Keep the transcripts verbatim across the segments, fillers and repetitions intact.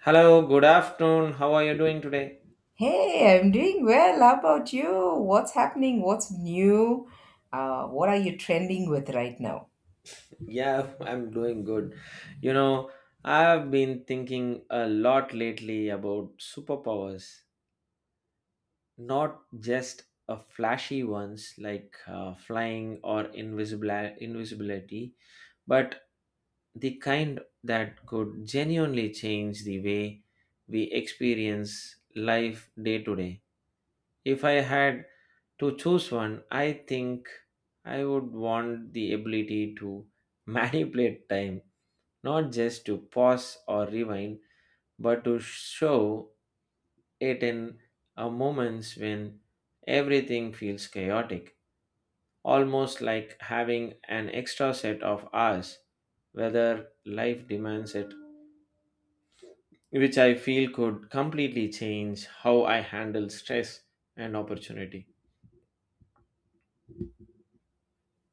Hello, good afternoon. How are you doing today? Hey, I'm doing well. How about you? What's happening? What's new? Uh, what are you trending with right now? Yeah, I'm doing good. You know, I've been thinking a lot lately about superpowers, not just a flashy ones like uh, flying or invisible invisibility, but the kind that could genuinely change the way we experience life day to day. If I had to choose one, I think I would want the ability to manipulate time, not just to pause or rewind, but to show it in uh, moments when everything feels chaotic, almost like having an extra set of hours, whether life demands it, which I feel could completely change how I handle stress and opportunity.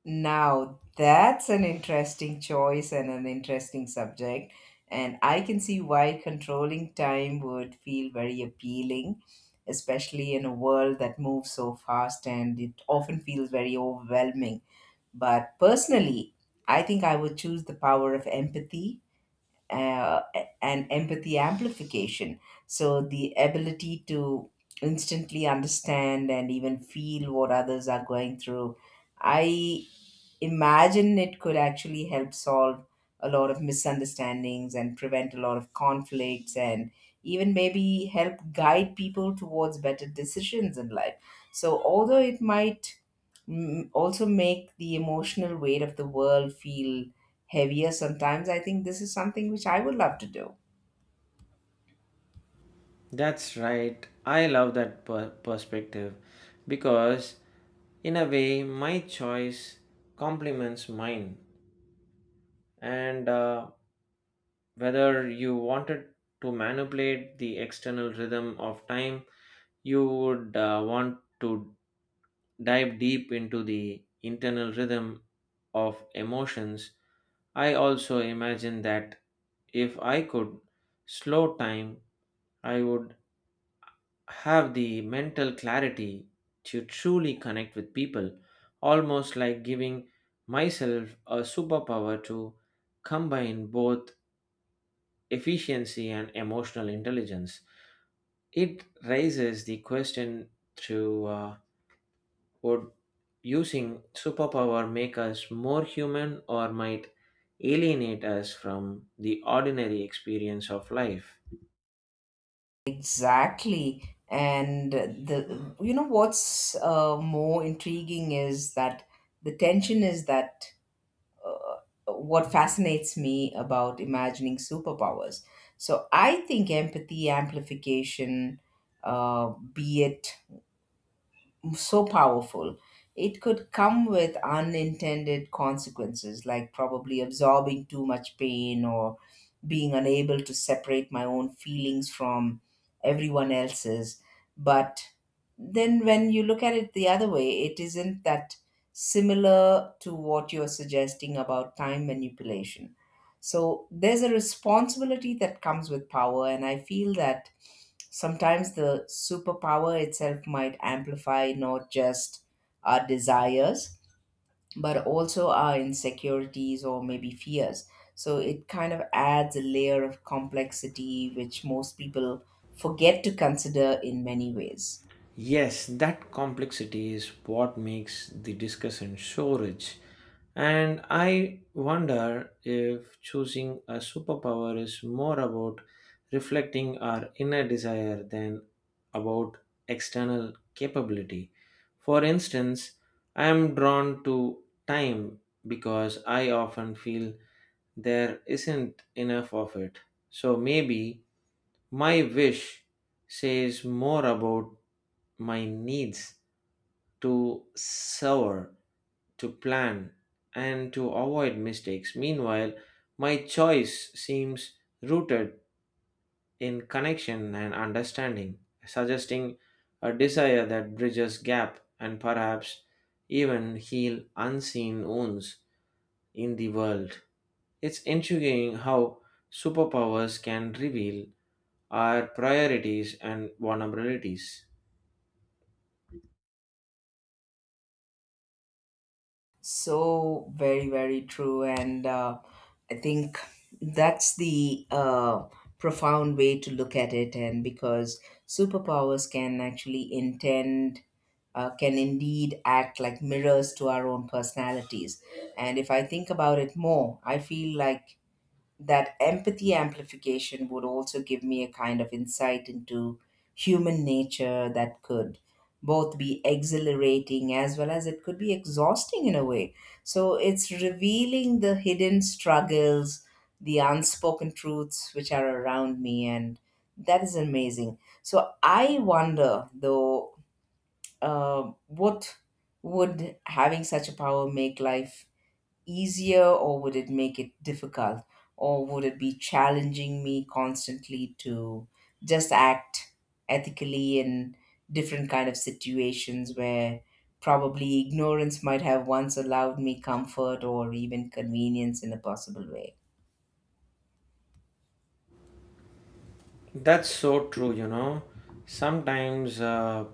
Now, that's an interesting choice and an interesting subject. And I can see why controlling time would feel very appealing, especially in a world that moves so fast and it often feels very overwhelming. But personally, I think I would choose the power of empathy uh, and empathy amplification. So, the ability to instantly understand and even feel what others are going through. I imagine it could actually help solve a lot of misunderstandings and prevent a lot of conflicts and even maybe help guide people towards better decisions in life. So, although it might mm, also make the emotional weight of the world feel heavier sometimes, I think this is something which I would love to do. That's right. I love that per- perspective because, in a way, my choice complements mine, and uh, whether you wanted to manipulate the external rhythm of time, you would uh, want to dive deep into the internal rhythm of emotions. I also imagine that if I could slow time, I would have the mental clarity to truly connect with people, almost like giving myself a superpower to combine both efficiency and emotional intelligence. It raises the question to uh, would using superpower make us more human or might alienate us from the ordinary experience of life? Exactly. And the you know what's uh, more intriguing is that the tension is that uh, what fascinates me about imagining superpowers. So I think empathy amplification, uh, be it so powerful, it could come with unintended consequences, like probably absorbing too much pain or being unable to separate my own feelings from everyone else's. But then when you look at it the other way, it isn't that similar to what you're suggesting about time manipulation. So there's a responsibility that comes with power, and I feel that sometimes the superpower itself might amplify not just our desires but also our insecurities or maybe fears. So it kind of adds a layer of complexity, which most people forget to consider in many ways. Yes, that complexity is what makes the discussion so rich. And I wonder if choosing a superpower is more about reflecting our inner desire than about external capability. For instance, I am drawn to time because I often feel there isn't enough of it. So maybe my wish says more about my needs to soar, to plan, and to avoid mistakes. Meanwhile, my choice seems rooted in connection and understanding, suggesting a desire that bridges gap and perhaps even heal unseen wounds in the world. It's intriguing how superpowers can reveal our priorities and vulnerabilities. So, very, very true. And uh, I think that's the uh, profound way to look at it. And because superpowers can actually intend uh, can indeed act like mirrors to our own personalities. And if I think about it more, I feel like that empathy amplification would also give me a kind of insight into human nature that could both be exhilarating as well as it could be exhausting in a way. So it's revealing the hidden struggles, the unspoken truths which are around me, and that is amazing. So I wonder though, uh, what would having such a power make life easier, or would it make it difficult, or would it be challenging me constantly to just act ethically in different kind of situations where probably ignorance might have once allowed me comfort or even convenience in a possible way? That's so true, you know. Sometimes uh,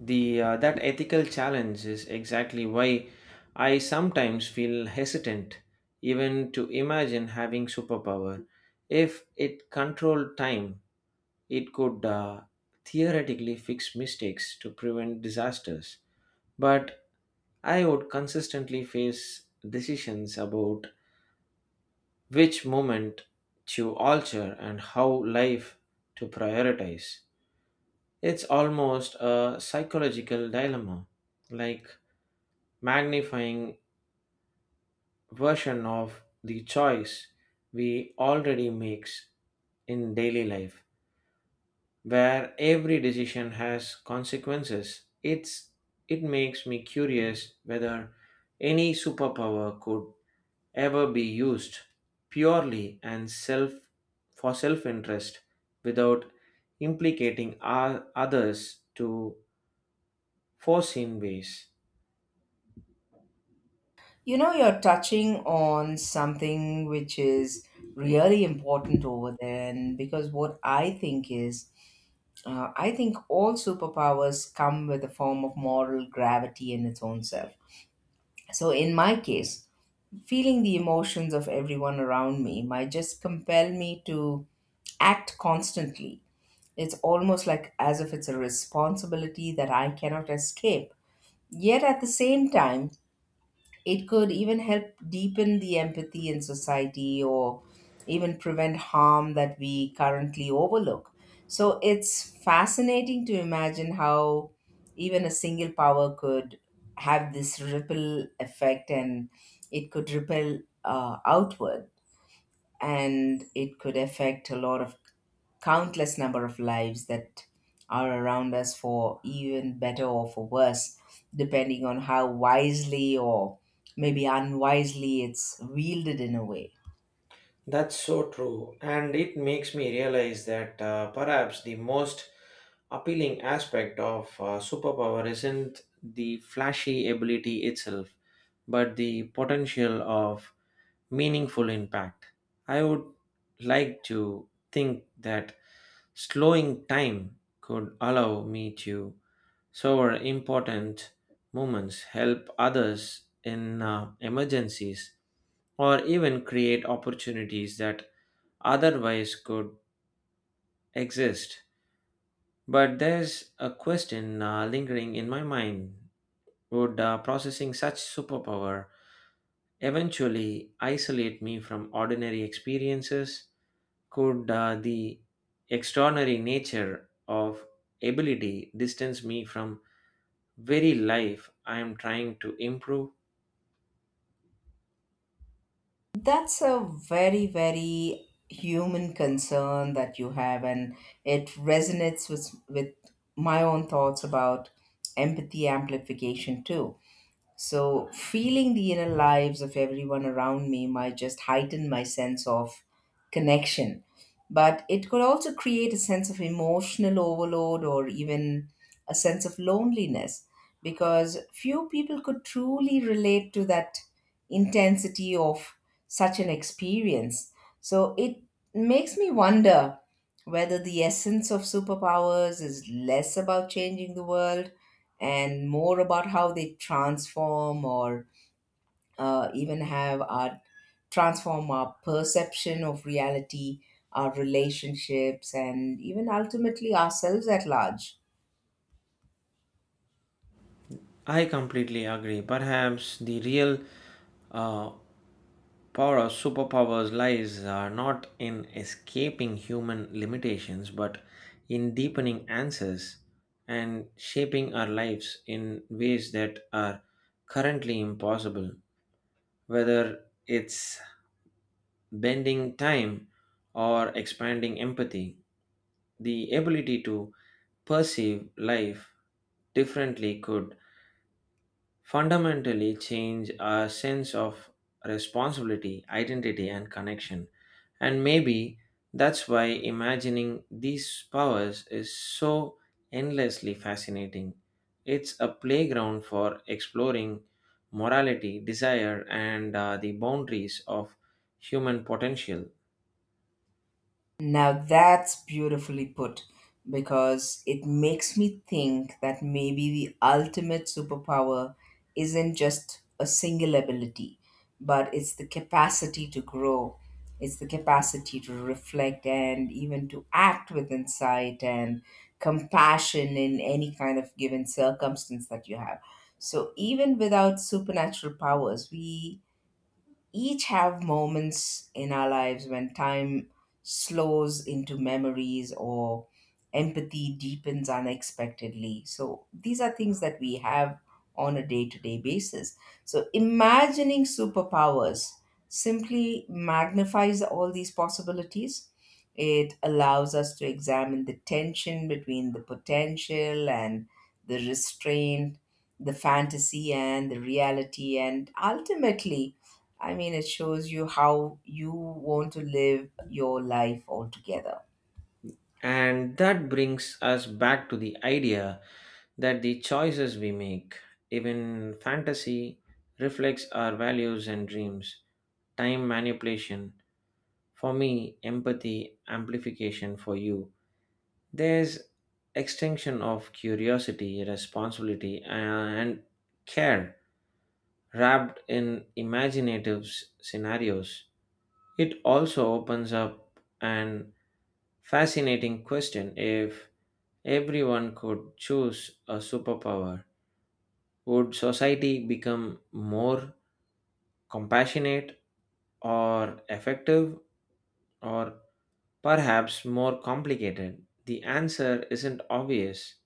the uh, that ethical challenge is exactly why I sometimes feel hesitant even to imagine having superpower. If it controlled time, it could uh, theoretically fix mistakes to prevent disasters. But I would consistently face decisions about which moment to alter and how life to prioritize. It's almost a psychological dilemma, like magnifying version of the choice we already makes in daily life, where every decision has consequences. It's it makes me curious whether any superpower could ever be used purely and self for self-interest without implicating our, others to foreseen ways. You know, you're touching on something which is really important over there. And because what I think is, Uh, I think all superpowers come with a form of moral gravity in its own self. So, in my case, feeling the emotions of everyone around me might just compel me to act constantly. It's almost like as if it's a responsibility that I cannot escape. Yet at the same time, it could even help deepen the empathy in society or even prevent harm that we currently overlook. So it's fascinating to imagine how even a single power could have this ripple effect, and it could ripple uh, outward, and it could affect a lot of countless number of lives that are around us for even better or for worse, depending on how wisely or maybe unwisely it's wielded in a way. That's so true, and it makes me realize that uh, perhaps the most appealing aspect of uh, superpower isn't the flashy ability itself, but the potential of meaningful impact. I would like to think that slowing time could allow me to savor important moments, help others in uh, emergencies, or even create opportunities that otherwise could exist. But there's a question uh, lingering in my mind, would uh, processing such superpower eventually isolate me from ordinary experiences? Could uh, the extraordinary nature of ability distance me from very life I am trying to improve? That's a very, very human concern that you have, and it resonates with, with my own thoughts about empathy amplification too. So, feeling the inner lives of everyone around me might just heighten my sense of connection, but it could also create a sense of emotional overload or even a sense of loneliness because few people could truly relate to that intensity of such an experience. So, it makes me wonder whether the essence of superpowers is less about changing the world and more about how they transform or uh, even have our transform our perception of reality, our relationships, and even ultimately ourselves at large. I completely agree. Perhaps the real uh, power of superpowers lies are not in escaping human limitations, but in deepening answers and shaping our lives in ways that are currently impossible. Whether it's bending time or expanding empathy, the ability to perceive life differently could fundamentally change our sense of responsibility, identity, and connection. And maybe that's why imagining these powers is so endlessly fascinating. It's a playground for exploring morality, desire, and uh, the boundaries of human potential. Now that's beautifully put because it makes me think that maybe the ultimate superpower isn't just a single ability, but it's the capacity to grow, it's the capacity to reflect and even to act with insight and compassion in any kind of given circumstance that you have. So even without supernatural powers, we each have moments in our lives when time slows into memories or empathy deepens unexpectedly. So these are things that we have on a day to day basis. So imagining superpowers simply magnifies all these possibilities. It allows us to examine the tension between the potential and the restraint, the fantasy and the reality, and ultimately, I mean, it shows you how you want to live your life altogether. And that brings us back to the idea that the choices we make, even fantasy, reflects our values and dreams. Time manipulation, for me, empathy amplification for you. There's extinction of curiosity, responsibility, and care wrapped in imaginative s- scenarios. It also opens up an fascinating question, if everyone could choose a superpower, would society become more compassionate or effective or perhaps more complicated? The answer isn't obvious,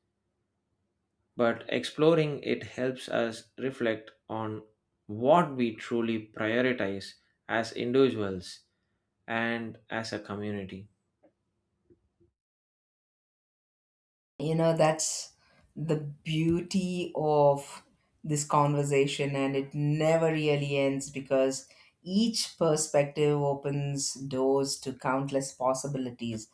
but exploring it helps us reflect on what we truly prioritize as individuals and as a community. You know, that's the beauty of this conversation, and it never really ends because each perspective opens doors to countless possibilities.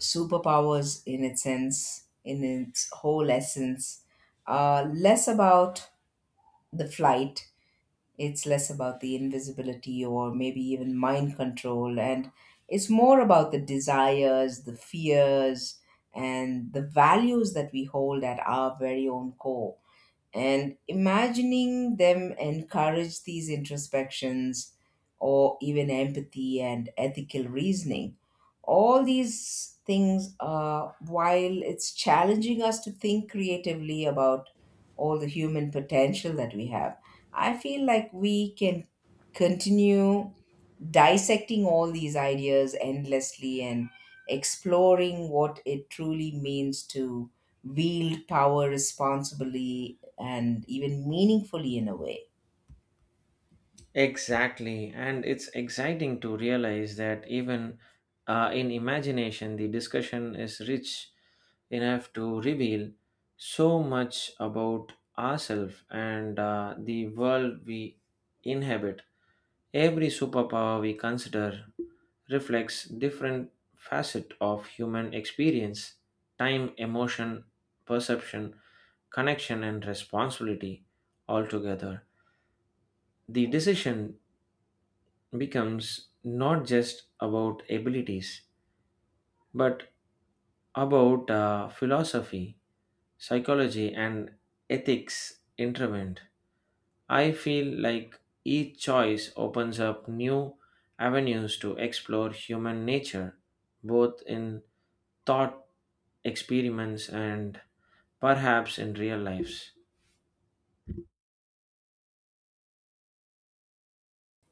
Superpowers, in its sense, in its whole essence, are less about the flight. It's less about the invisibility or maybe even mind control, and it's more about the desires, the fears, and the values that we hold at our very own core. And imagining them encourage these introspections or even empathy and ethical reasoning. All these things, uh, while it's challenging us to think creatively about all the human potential that we have, I feel like we can continue dissecting all these ideas endlessly and exploring what it truly means to wield power responsibly and even meaningfully in a way. Exactly, and it's exciting to realize that even uh, in imagination, the discussion is rich enough to reveal so much about ourselves and uh, the world we inhabit. Every superpower we consider reflects different facet of human experience, time, emotion, perception, connection, and responsibility altogether. The decision becomes not just about abilities, but about uh, philosophy, psychology, and ethics intervened. I feel like each choice opens up new avenues to explore human nature, both in thought experiments and perhaps in real lives.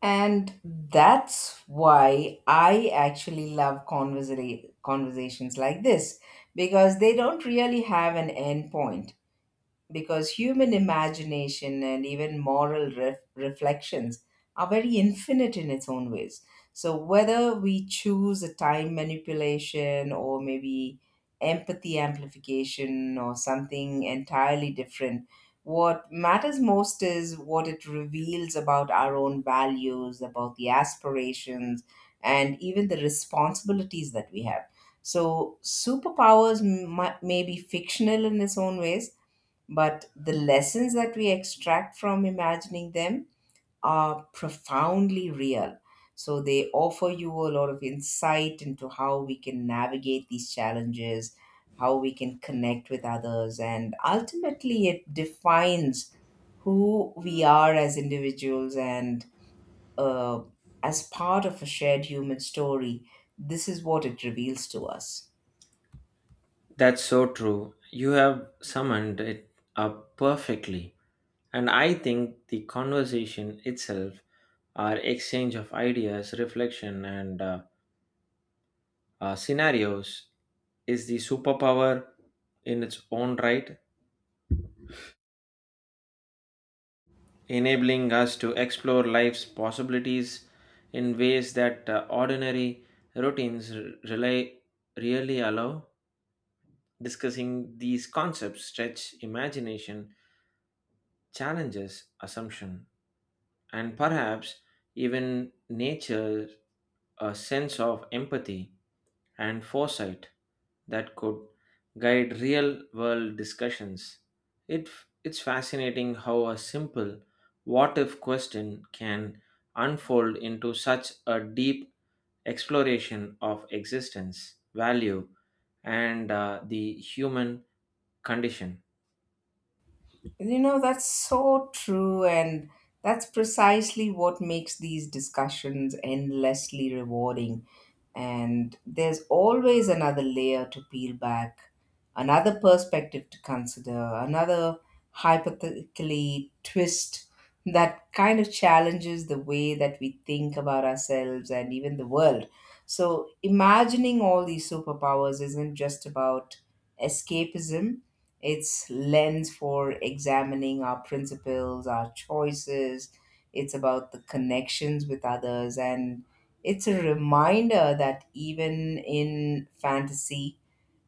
And that's why I actually love conversa- conversations like this because they don't really have an end point, because human imagination and even moral ref- reflections are very infinite in its own ways. So, whether we choose a time manipulation or maybe empathy amplification or something entirely different, what matters most is what it reveals about our own values, about the aspirations, and even the responsibilities that we have. So, superpowers m- might- may be fictional in its own ways, but the lessons that we extract from imagining them are profoundly real. So they offer you a lot of insight into how we can navigate these challenges, how we can connect with others, and ultimately it defines who we are as individuals and uh, as part of a shared human story. This is what it reveals to us. That's so true. You have summoned it up perfectly. And I think the conversation itself, our exchange of ideas, reflection, and uh, uh, scenarios, is the superpower in its own right, enabling us to explore life's possibilities in ways that uh, ordinary routines r- rely, really allow. Discussing these concepts stretch imagination, challenges assumption, and perhaps even nature a sense of empathy and foresight that could guide real world discussions. It, it's fascinating how a simple what if question can unfold into such a deep exploration of existence, value, and uh, the human condition. You know, that's so true. And that's precisely what makes these discussions endlessly rewarding. And there's always another layer to peel back, another perspective to consider, another hypothetically twist that kind of challenges the way that we think about ourselves and even the world. So, imagining all these superpowers isn't just about escapism, it's lens for examining our principles, our choices. It's about the connections with others, and it's a reminder that even in fantasy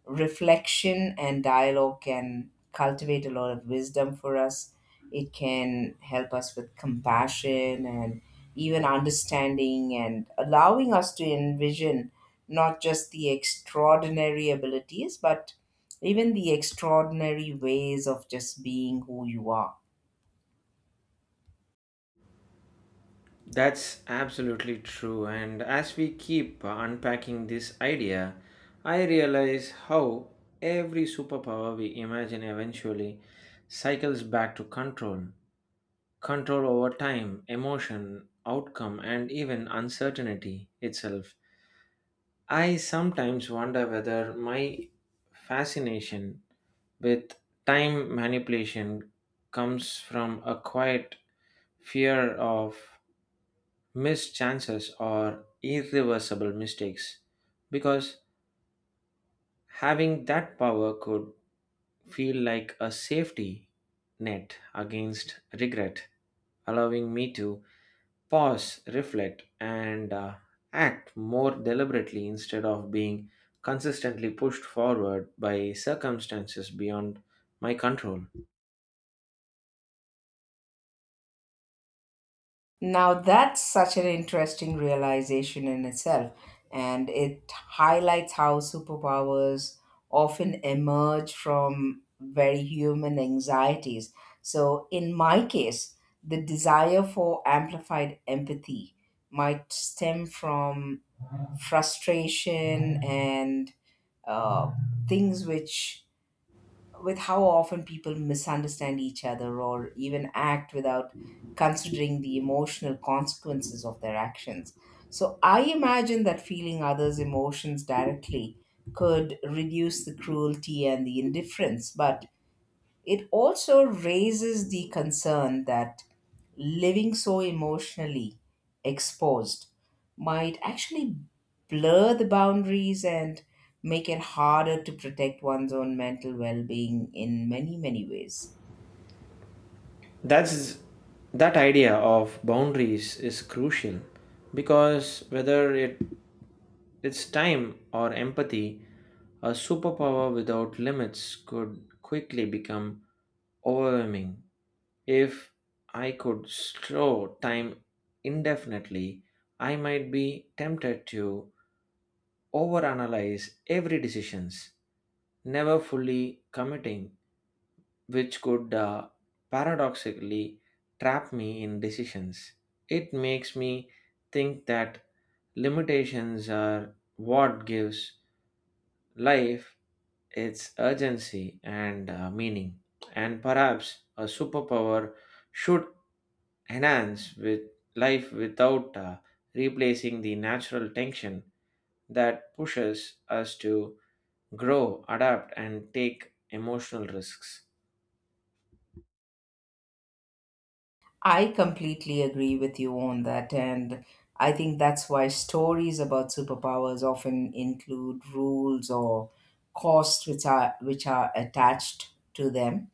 reflection and dialogue can cultivate a lot of wisdom for us. It can help us with compassion and even understanding and allowing us to envision not just the extraordinary abilities, but even the extraordinary ways of just being who you are. That's absolutely true. And as we keep uh, unpacking this idea, I realize how every superpower we imagine eventually cycles back to control control over time, emotion, outcome, and even uncertainty itself. I sometimes wonder whether my fascination with time manipulation comes from a quiet fear of missed chances are irreversible mistakes, because having that power could feel like a safety net against regret, allowing me to pause, reflect, and uh, act more deliberately instead of being consistently pushed forward by circumstances beyond my control. Now that's such an interesting realization in itself, and it highlights how superpowers often emerge from very human anxieties. So, in my case, the desire for amplified empathy might stem from frustration and uh, things which with how often people misunderstand each other or even act without considering the emotional consequences of their actions. So I imagine that feeling others' emotions directly could reduce the cruelty and the indifference, but it also raises the concern that living so emotionally exposed might actually blur the boundaries and make it harder to protect one's own mental well being in many, many ways. That's that idea of boundaries is crucial because whether it its time or empathy, a superpower without limits could quickly become overwhelming. If I could slow time indefinitely, I might be tempted to overanalyze every decisions, never fully committing, which could uh, paradoxically trap me in decisions. It makes me think that limitations are what gives life its urgency and uh, meaning, and perhaps a superpower should enhance with life without uh, replacing the natural tension that pushes us to grow, adapt, and take emotional risks. I completely agree with you on that, and I think that's why stories about superpowers often include rules or costs which are which are attached to them.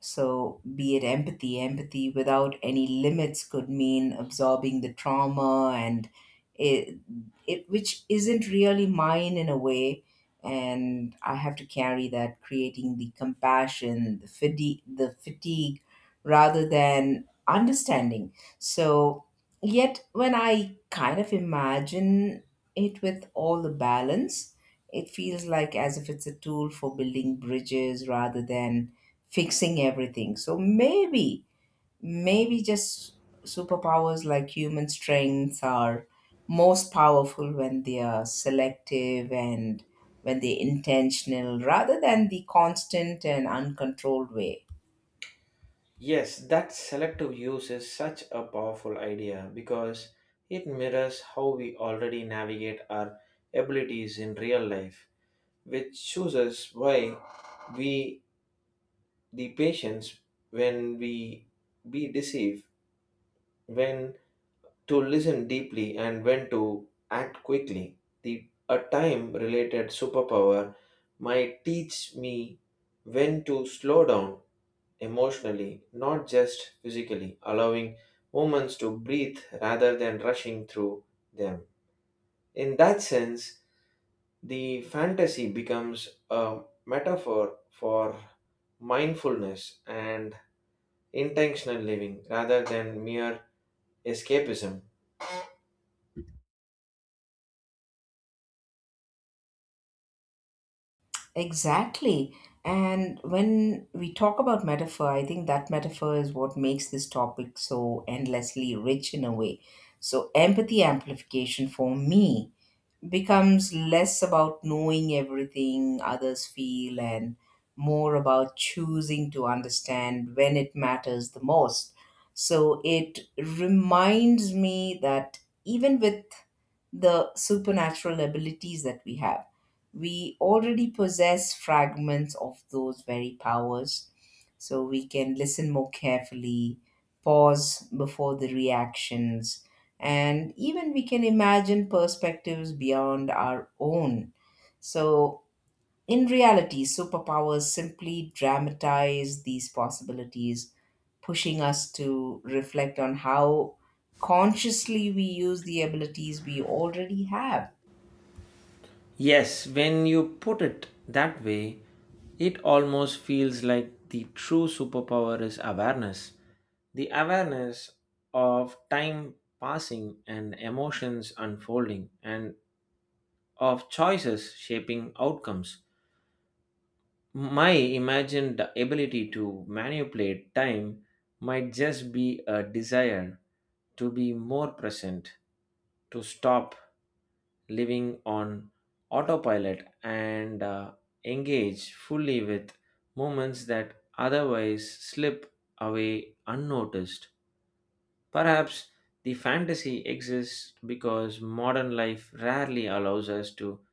So, be it empathy, empathy without any limits could mean absorbing the trauma and it, it which isn't really mine in a way. And I have to carry that, creating the compassion, the fatigue, the fatigue rather than understanding. So, yet, when I kind of imagine it with all the balance, it feels like as if it's a tool for building bridges rather than fixing everything. So maybe, maybe just superpowers like human strengths are most powerful when they are selective and when they're intentional rather than the constant and uncontrolled way. Yes, that selective use is such a powerful idea because it mirrors how we already navigate our abilities in real life, which chooses why we the patience when we be deceived, when to listen deeply, and when to act quickly. The a time related superpower might teach me when to slow down emotionally, not just physically, allowing moments to breathe rather than rushing through them. In that sense, the fantasy becomes a metaphor for mindfulness and intentional living rather than mere escapism. Exactly. And when we talk about metaphor, I think that metaphor is what makes this topic so endlessly rich in a way. So, empathy amplification for me becomes less about knowing everything others feel and more about choosing to understand when it matters the most. So it reminds me that even with the supernatural abilities that we have, we already possess fragments of those very powers. So we can listen more carefully, pause before the reactions, and even we can imagine perspectives beyond our own. So, in reality, superpowers simply dramatize these possibilities, pushing us to reflect on how consciously we use the abilities we already have. Yes, when you put it that way, it almost feels like the true superpower is awareness. The awareness of time passing and emotions unfolding and of choices shaping outcomes. My imagined ability to manipulate time might just be a desire to be more present, to stop living on autopilot and uh, engage fully with moments that otherwise slip away unnoticed. Perhaps the fantasy exists because modern life rarely allows us to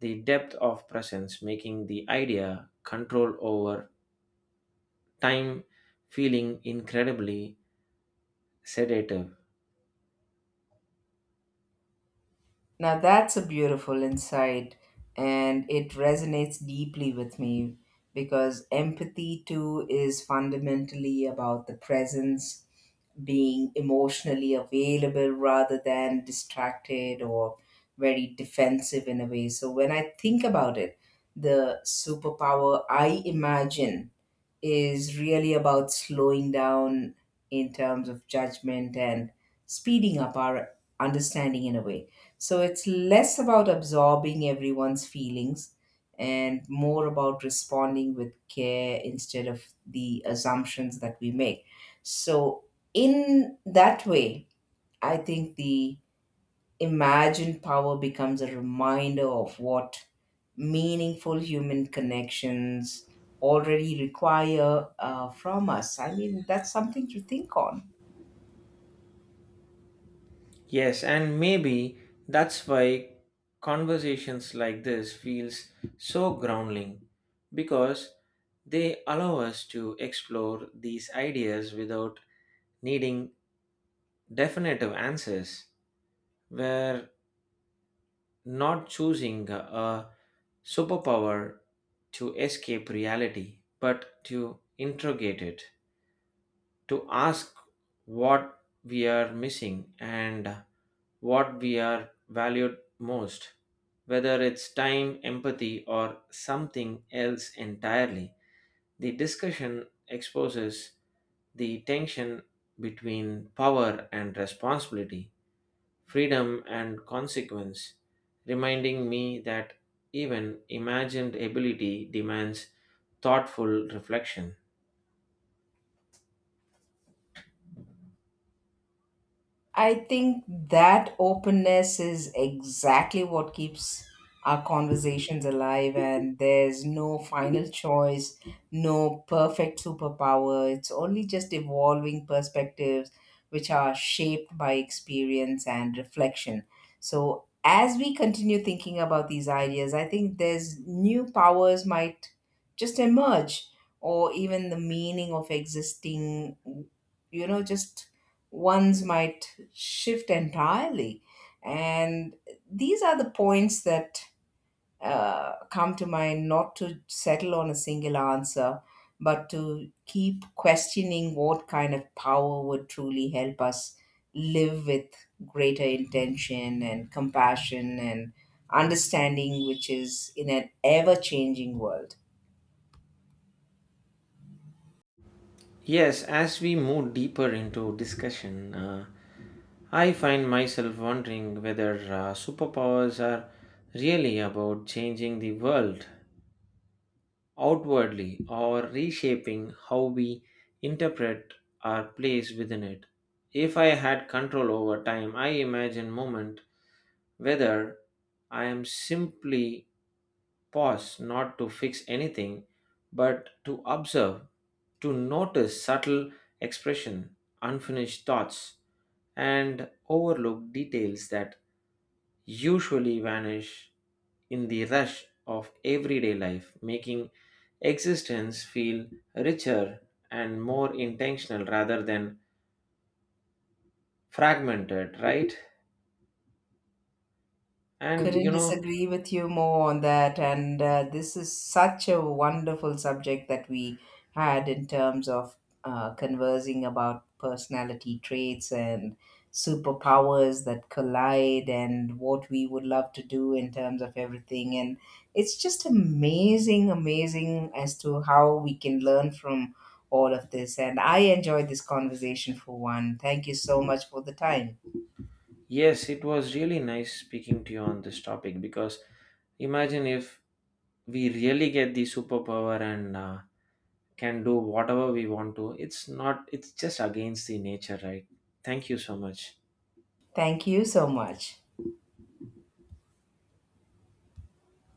the depth of presence, making the idea control over time feeling incredibly sedative. Now, that's a beautiful insight, and it resonates deeply with me because empathy, too, is fundamentally about the presence, being emotionally available rather than distracted or very defensive in a way. So when I think about it, the superpower I imagine is really about slowing down in terms of judgment and speeding up our understanding in a way. So it's less about absorbing everyone's feelings and more about responding with care instead of the assumptions that we make. So, in that way, I think the Imagine power becomes a reminder of what meaningful human connections already require uh, from us. I mean, that's something to think on. Yes, and maybe that's why conversations like this feels so grounding because they allow us to explore these ideas without needing definitive answers where not choosing a superpower to escape reality, but to interrogate it, to ask what we are missing and what we are valued most, whether it's time, empathy, or something else entirely. The discussion exposes the tension between power and responsibility freedom and consequence, reminding me that even imagined ability demands thoughtful reflection. I think that openness is exactly what keeps our conversations alive, and there's no final choice, no perfect superpower. It's only just evolving perspectives which are shaped by experience and reflection. So, as we continue thinking about these ideas, I think there's new powers might just emerge, or even the meaning of existing, you know, just ones might shift entirely. And these are the points that uh, come to mind not to settle on a single answer, but to keep questioning what kind of power would truly help us live with greater intention and compassion and understanding, which is in an ever changing world. Yes, as we move deeper into discussion, uh, I find myself wondering whether uh, superpowers are really about changing the world outwardly or reshaping how we interpret our place within it. If I had control over time, I imagine moment whether I am simply pause not to fix anything but to observe, to notice subtle expression, unfinished thoughts, and overlook details that usually vanish in the rush of everyday life, making existence feel richer and more intentional rather than fragmented, right? And Couldn't you know, disagree with you more on that. And uh, this is such a wonderful subject that we had in terms of uh, conversing about personality traits and superpowers that collide and what we would love to do in terms of everything. And it's just amazing, amazing as to how we can learn from all of this. And I enjoyed this conversation for one. Thank you so much for the time. yes, it was really nice speaking to you on this topic because imagine if we really get the superpower and uh, can do whatever we want to, it's not, it's just against the nature, right? Thank you so much. Thank you so much.